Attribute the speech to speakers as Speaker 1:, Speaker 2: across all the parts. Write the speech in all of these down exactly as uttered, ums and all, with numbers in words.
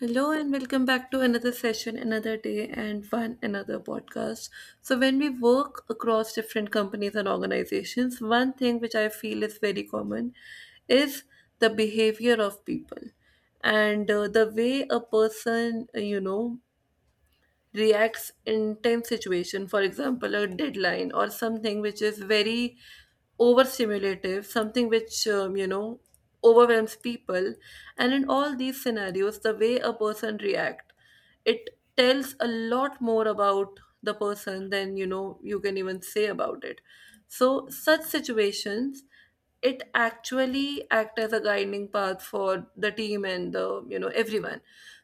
Speaker 1: Hello and welcome back to another session, another day, and one another podcast. So, when we work across different companies and organizations, one thing which I feel is very common is the behavior of people, and uh, the way a person, uh, you know, reacts in tense situation, for example a deadline or something which is very overstimulative, something which um, you know overwhelms people. And in all these scenarios, the way a person react, it tells a lot more about the person than you know you can even say about it. So such situations, it actually act as a guiding path for the team and the you know everyone.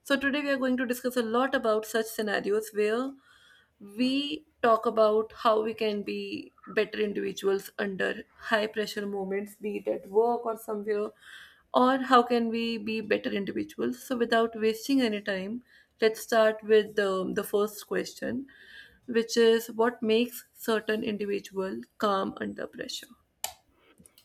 Speaker 1: So, today we are going to discuss a lot about such scenarios where we talk about how we can be better individuals under high pressure moments, be it at work or somewhere, or how can we be better individuals. So, without wasting any time, let's start with um, the first question, which is what makes certain individual calm under pressure?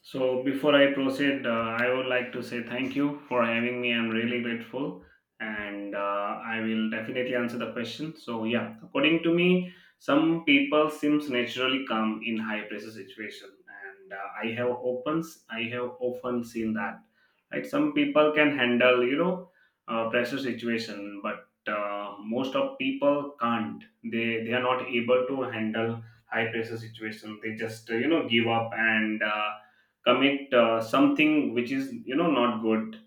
Speaker 2: So before I proceed, uh, I would like to say thank you for having me. I'm really grateful, and uh, I will definitely answer the question. So yeah, according to me, some people seems naturally calm in high pressure situation, and uh, I have often I have often seen that. Right, some people can handle you know uh, pressure situation, but uh, most of people can't. They they are not able to handle high pressure situation. They just uh, you know give up and. Uh, commit uh, something which is you know not good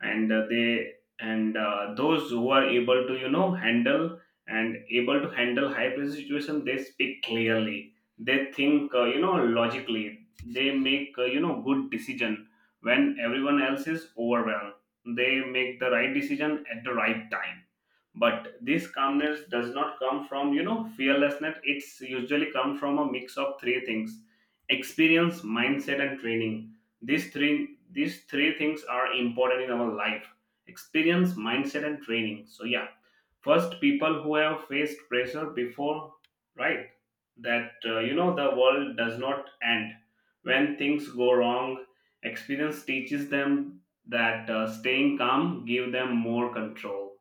Speaker 2: and uh, they and uh, those who are able to you know handle and able to handle high pressure situation, they speak clearly, they think uh, you know logically, they make uh, you know good decision when everyone else is overwhelmed, they make the right decision at the right time. But this calmness does not come from you know fearlessness, it's usually come from a mix of three things: experience, mindset, and training. These three these three things are important in our life: experience, mindset, and training. So yeah, first, people who have faced pressure before, right? That uh, you know the world does not end when things go wrong. Experience teaches them that uh, staying calm give them more control.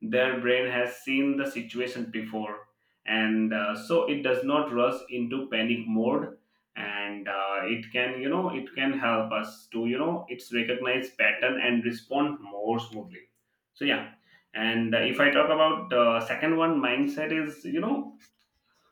Speaker 2: Their brain has seen the situation before, and uh, so it does not rush into panic mode, and uh, it can, you know it can help us to you know it's recognize pattern and respond more smoothly. So yeah, and uh, if I talk about uh, second one, mindset is, you know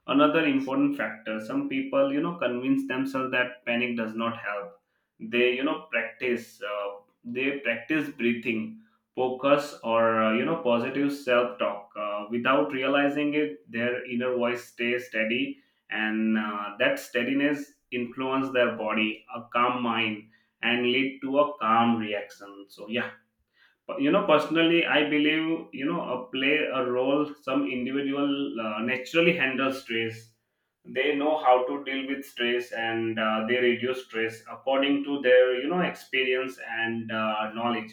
Speaker 2: another important factor. Some people you know convince themselves that panic does not help. they you know practice uh, they practice breathing focus or uh, you know positive self talk. Uh, without realizing it, their inner voice stays steady, and uh, that steadiness influence their body, a calm mind, and lead to a calm reaction. So yeah, you know personally I believe you know a play a role, some individual uh, naturally handle stress. They know how to deal with stress, and uh, they reduce stress according to their, you know experience and uh, knowledge.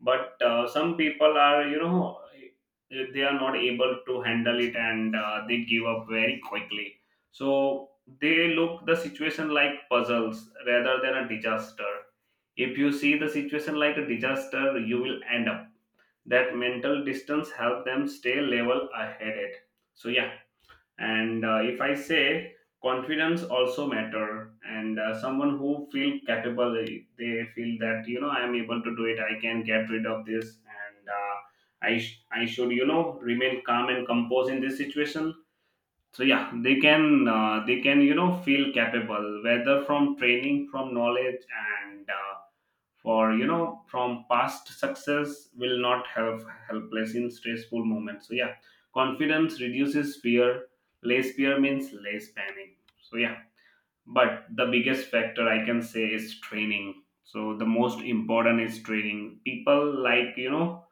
Speaker 2: But uh, some people are, you know eh, they are not able to handle it, and uh, they give up very quickly. So they look the situation like puzzles rather than a disaster. If you see the situation like a disaster, you will end up, that mental distance help them stay level ahead it. So yeah, and uh, if I say confidence also matter, and uh, someone who feel capable, they feel that, you know I am able to do it, I can get rid of this, and uh, i sh- I should, you know remain calm and composed in this situation. So yeah, they can, uh, they can, you know feel capable, whether from training, from knowledge, and uh, for, you know from past success will not help helpless in stressful moments. So yeah, confidence reduces fear, less fear means less panic. So yeah, but the biggest factor I can say is training. So the most important is training. People like, you know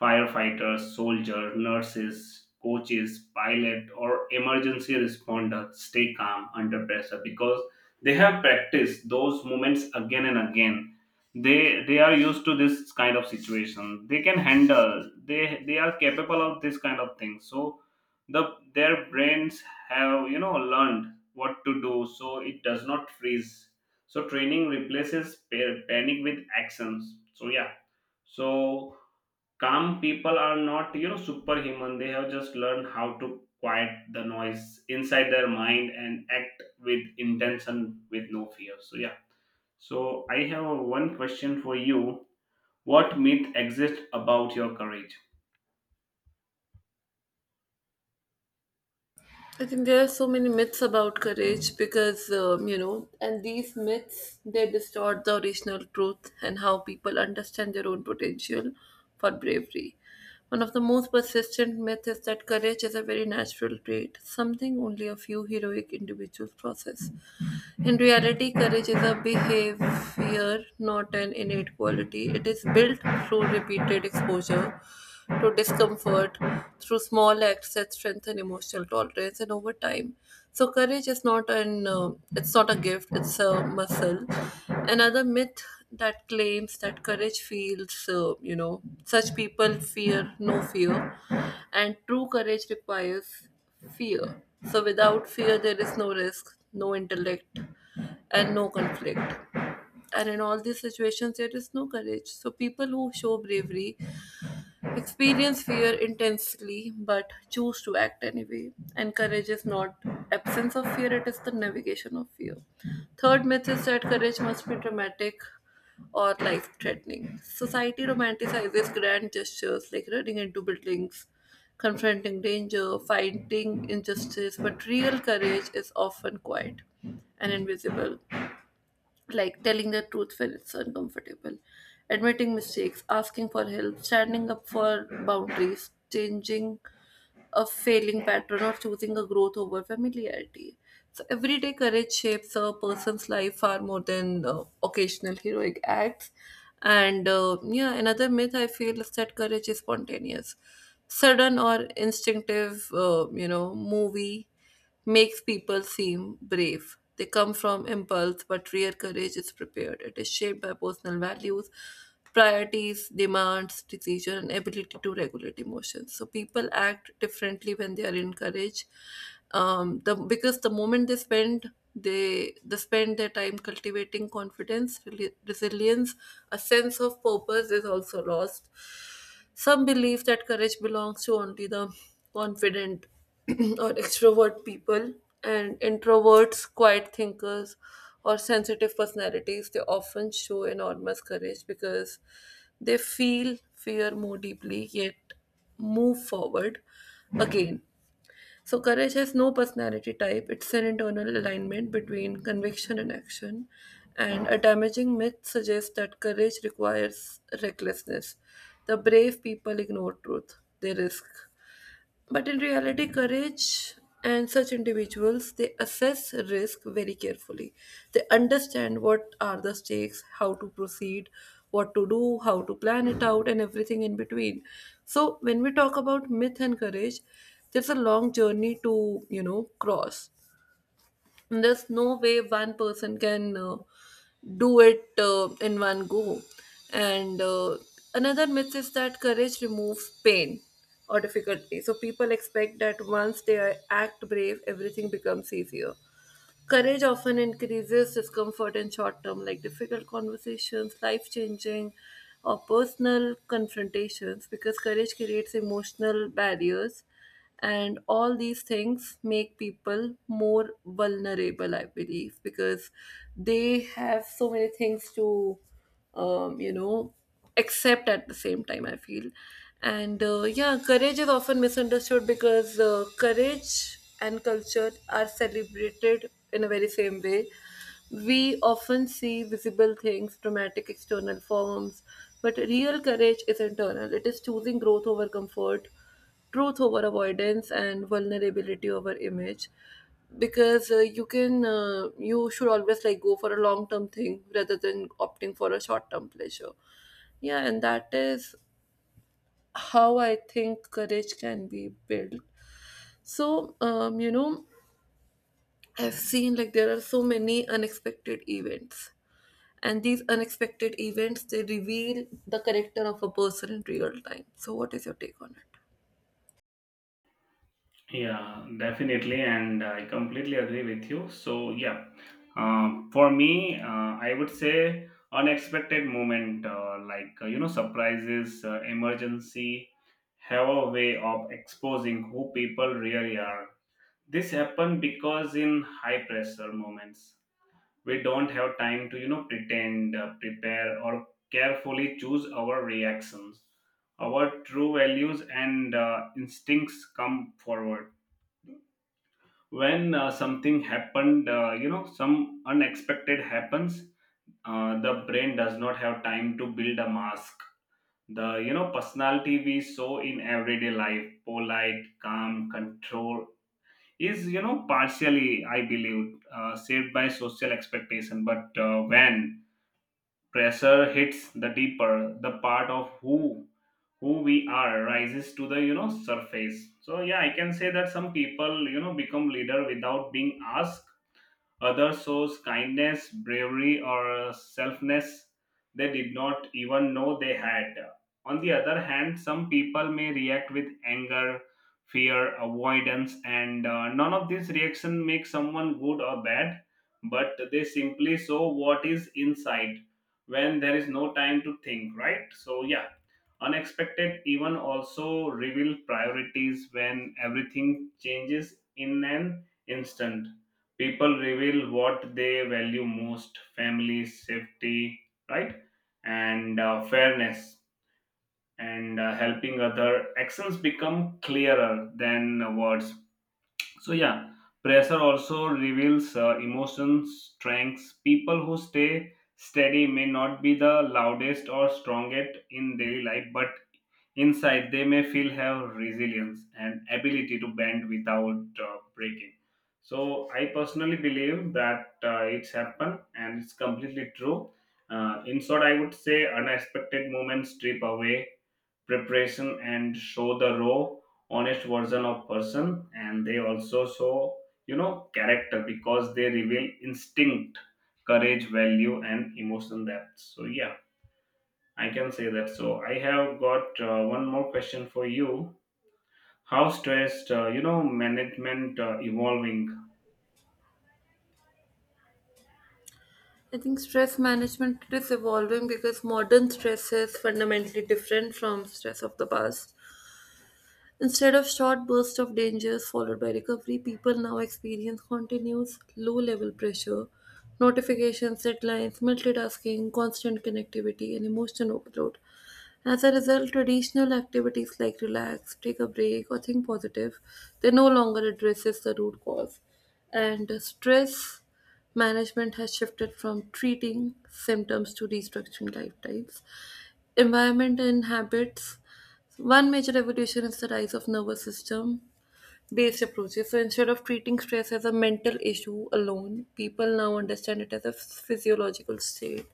Speaker 2: firefighters, soldier, nurses, coaches, pilot, or emergency responders stay calm under pressure because they have practiced those moments again and again. They they are used to this kind of situation, they can handle, they they are capable of this kind of thing. So the their brains have, you know learned what to do, so it does not freeze. So training replaces pa- panic with actions. So yeah. So calm people are not, you know superhuman. They have just learned how to quiet the noise inside their mind and act with intention with no fear. So yeah. So I have one question for you. What myth exists about your courage?
Speaker 1: I think there are so many myths about courage because, um, you know, and these myths, they distort the original truth and how people understand their own potential for bravery. One of the most persistent myths is that courage is a very natural trait, something only a few heroic individuals possess. In reality, courage is a behavior, not an innate quality. It is built through repeated exposure to discomfort, through small acts that strengthen emotional tolerance, and over time. So, courage is not an uh, it's not a gift; it's a muscle. Another myth that claims that courage feels, uh, you know, such people fear no fear, and true courage requires fear. So, without fear, there is no risk, no intellect, and no conflict. And in all these situations, there is no courage. So, people who show bravery experience fear intensely but choose to act anyway. And courage is not absence of fear, it is the navigation of fear. Third myth is that courage must be dramatic or life threatening. Society romanticizes grand gestures like running into buildings, confronting danger, fighting injustice, but real courage is often quiet and invisible, like telling the truth when it's uncomfortable, admitting mistakes, asking for help, standing up for boundaries, changing a failing pattern, or choosing a growth over familiarity. So, everyday courage shapes a person's life far more than uh, occasional heroic acts. And uh, yeah, another myth I feel is that courage is spontaneous, sudden or instinctive, uh, you know, movie makes people seem brave. They come from impulse, but real courage is prepared. It is shaped by personal values, priorities, demands, decision, and ability to regulate emotions. So people act differently when they are encouraged. Um, the because the moment they spend they they spend their time cultivating confidence, reli- resilience, a sense of purpose is also lost. Some believe that courage belongs to only the confident or extrovert people, and introverts, quiet thinkers, or sensitive personalities, they often show enormous courage because they feel fear more deeply yet move forward again. So, courage has no personality type, it's an internal alignment between conviction and action. And a damaging myth suggests that courage requires recklessness. The brave people ignore truth, they risk. But in reality, courage and such individuals, they assess risk very carefully. They understand what are the stakes, how to proceed, what to do, how to plan it out, and everything in between. So when we talk about myth and courage, there's a long journey to you know cross. There's no way one person can uh, do it uh, in one go. And uh, another myth is that courage removes pain or difficulty, so people expect that once they are- act brave, everything becomes easier. Courage often increases discomfort in short term, like difficult conversations, life changing, or personal confrontations, because courage creates emotional barriers. And all these things make people more vulnerable, I believe, because they have so many things to, um, you know accept at the same time, I feel. And uh, yeah, courage is often misunderstood because uh, courage and culture are celebrated in a very same way. We often see visible things, dramatic external forms, but real courage is internal. It is choosing growth over comfort, truth over avoidance, and vulnerability over image. Because uh, you can uh, you should always, like, go for a long term thing rather than opting for a short term pleasure. Yeah, and that is how I think courage can be built. So, um, you know I've seen, like, there are so many unexpected events, and these unexpected events, they reveal the character of a person in real time. So what is your take on it?
Speaker 2: Yeah, definitely, and I completely agree with you. So, yeah, um, for me, uh, I would say unexpected moment, uh, like uh, you know, surprises, uh, emergency, have a way of exposing who people really are. This happen because in high pressure moments, we don't have time to, you know pretend, uh, prepare, or carefully choose our reactions. Our true values and uh, instincts come forward when uh, something happened, uh, you know some unexpected happens. Uh, the brain does not have time to build a mask. The, you know personality we saw in everyday life, polite, calm, control, is, you know partially I believe uh, saved by social expectation. But uh, when pressure hits, the deeper the part of who who we are rises to the, you know surface. So yeah, I can say that some people, you know become leader without being asked. Others shows kindness, bravery, or selfness they did not even know they had. On the other hand, some people may react with anger, fear, avoidance, and uh, none of these reaction makes someone good or bad, but they simply show what is inside when there is no time to think, right? So, yeah, unexpected even also reveal priorities when everything changes in an instant. People reveal what they value most: family, safety, right? And uh, fairness and uh, helping other, actions become clearer than words. So yeah, pressure also reveals uh, emotions, strengths. People who stay steady may not be the loudest or strongest in daily life, but inside they may feel have resilience and ability to bend without uh, breaking. So I personally believe that uh, it's happened and it's completely true. Uh, in short, I would say unexpected moments strip away preparation and show the raw, honest version of person, and they also show, you know character, because they reveal instinct, courage, value, and emotion depth. So yeah, I can say that. So I have got uh, one more question for you. How stressed uh, you know management uh, evolving,
Speaker 1: I think stress management is evolving because modern stress is fundamentally different from stress of the past. Instead of short bursts of dangers followed by recovery, people now experience continuous low level pressure, notifications, deadlines, multitasking, constant connectivity, and emotional overload. As a result, traditional activities like relax, take a break, or think positive, they no longer addresses the root cause. And uh, stress management has shifted from treating symptoms to restructuring lifestyles. Environment and habits. One major evolution is the rise of nervous system based approaches. So instead of treating stress as a mental issue alone, people now understand it as a physiological state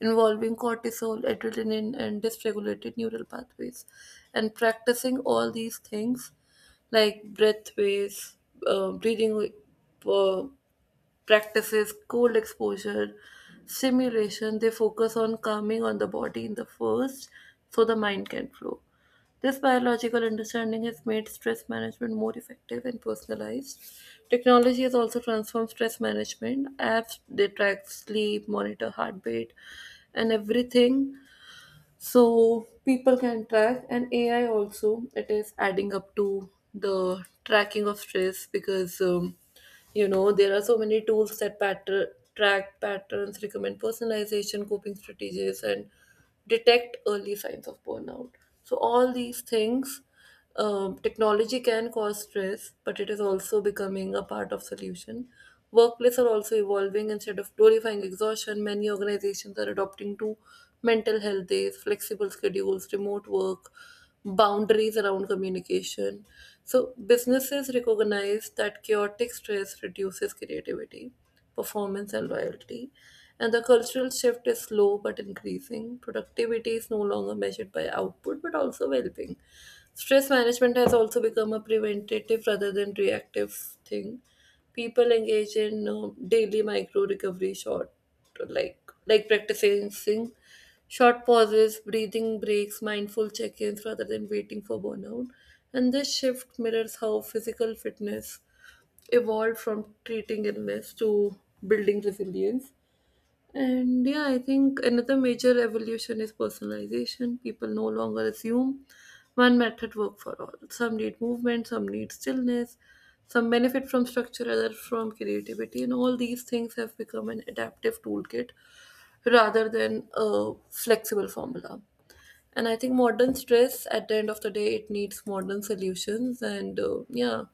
Speaker 1: involving cortisol, adrenaline, and dysregulated neural pathways. And practicing all these things like breath waves, uh, breathing uh, practices, cold exposure, stimulation, they focus on calming on the body in the first, so the mind can flow. This biological understanding has made stress management more effective and personalized. Technology has also transformed stress management. Apps, they track sleep, monitor heartbeat, and everything, so people can track. And A I also, it is adding up to the tracking of stress because um, you know there are so many tools that pattern track patterns, recommend personalization coping strategies, and detect early signs of burnout. So all these things, um, technology can cause stress, but it is also becoming a part of solution. Workplaces are also evolving. Instead of glorifying exhaustion, many organizations are adopting to mental health days, flexible schedules, remote work, boundaries around communication. So businesses recognize that chaotic stress reduces creativity, performance, and loyalty. And the cultural shift is slow but increasing. Productivity is no longer measured by output but also well being. Stress management has also become a preventative rather than reactive thing. People engage in uh, daily micro recovery short, like like practicing short pauses, breathing breaks, mindful check-ins rather than waiting for burnout. And this shift mirrors how physical fitness evolved from treating illness to building resilience. And yeah, I think another major evolution is personalization. People no longer assume one method works for all. Some need movement, some need stillness, some benefit from structure, others from creativity, and all these things have become an adaptive toolkit rather than a flexible formula. And I think modern stress, at the end of the day, it needs modern solutions. And uh, yeah,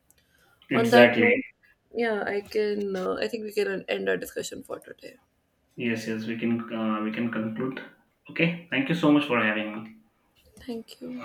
Speaker 1: on that
Speaker 2: exactly?
Speaker 1: note, yeah, I can. Uh, I think we can end our discussion for today.
Speaker 2: Yes, yes, we can, uh, we can conclude. Okay, thank you so much for having me.
Speaker 1: Thank you.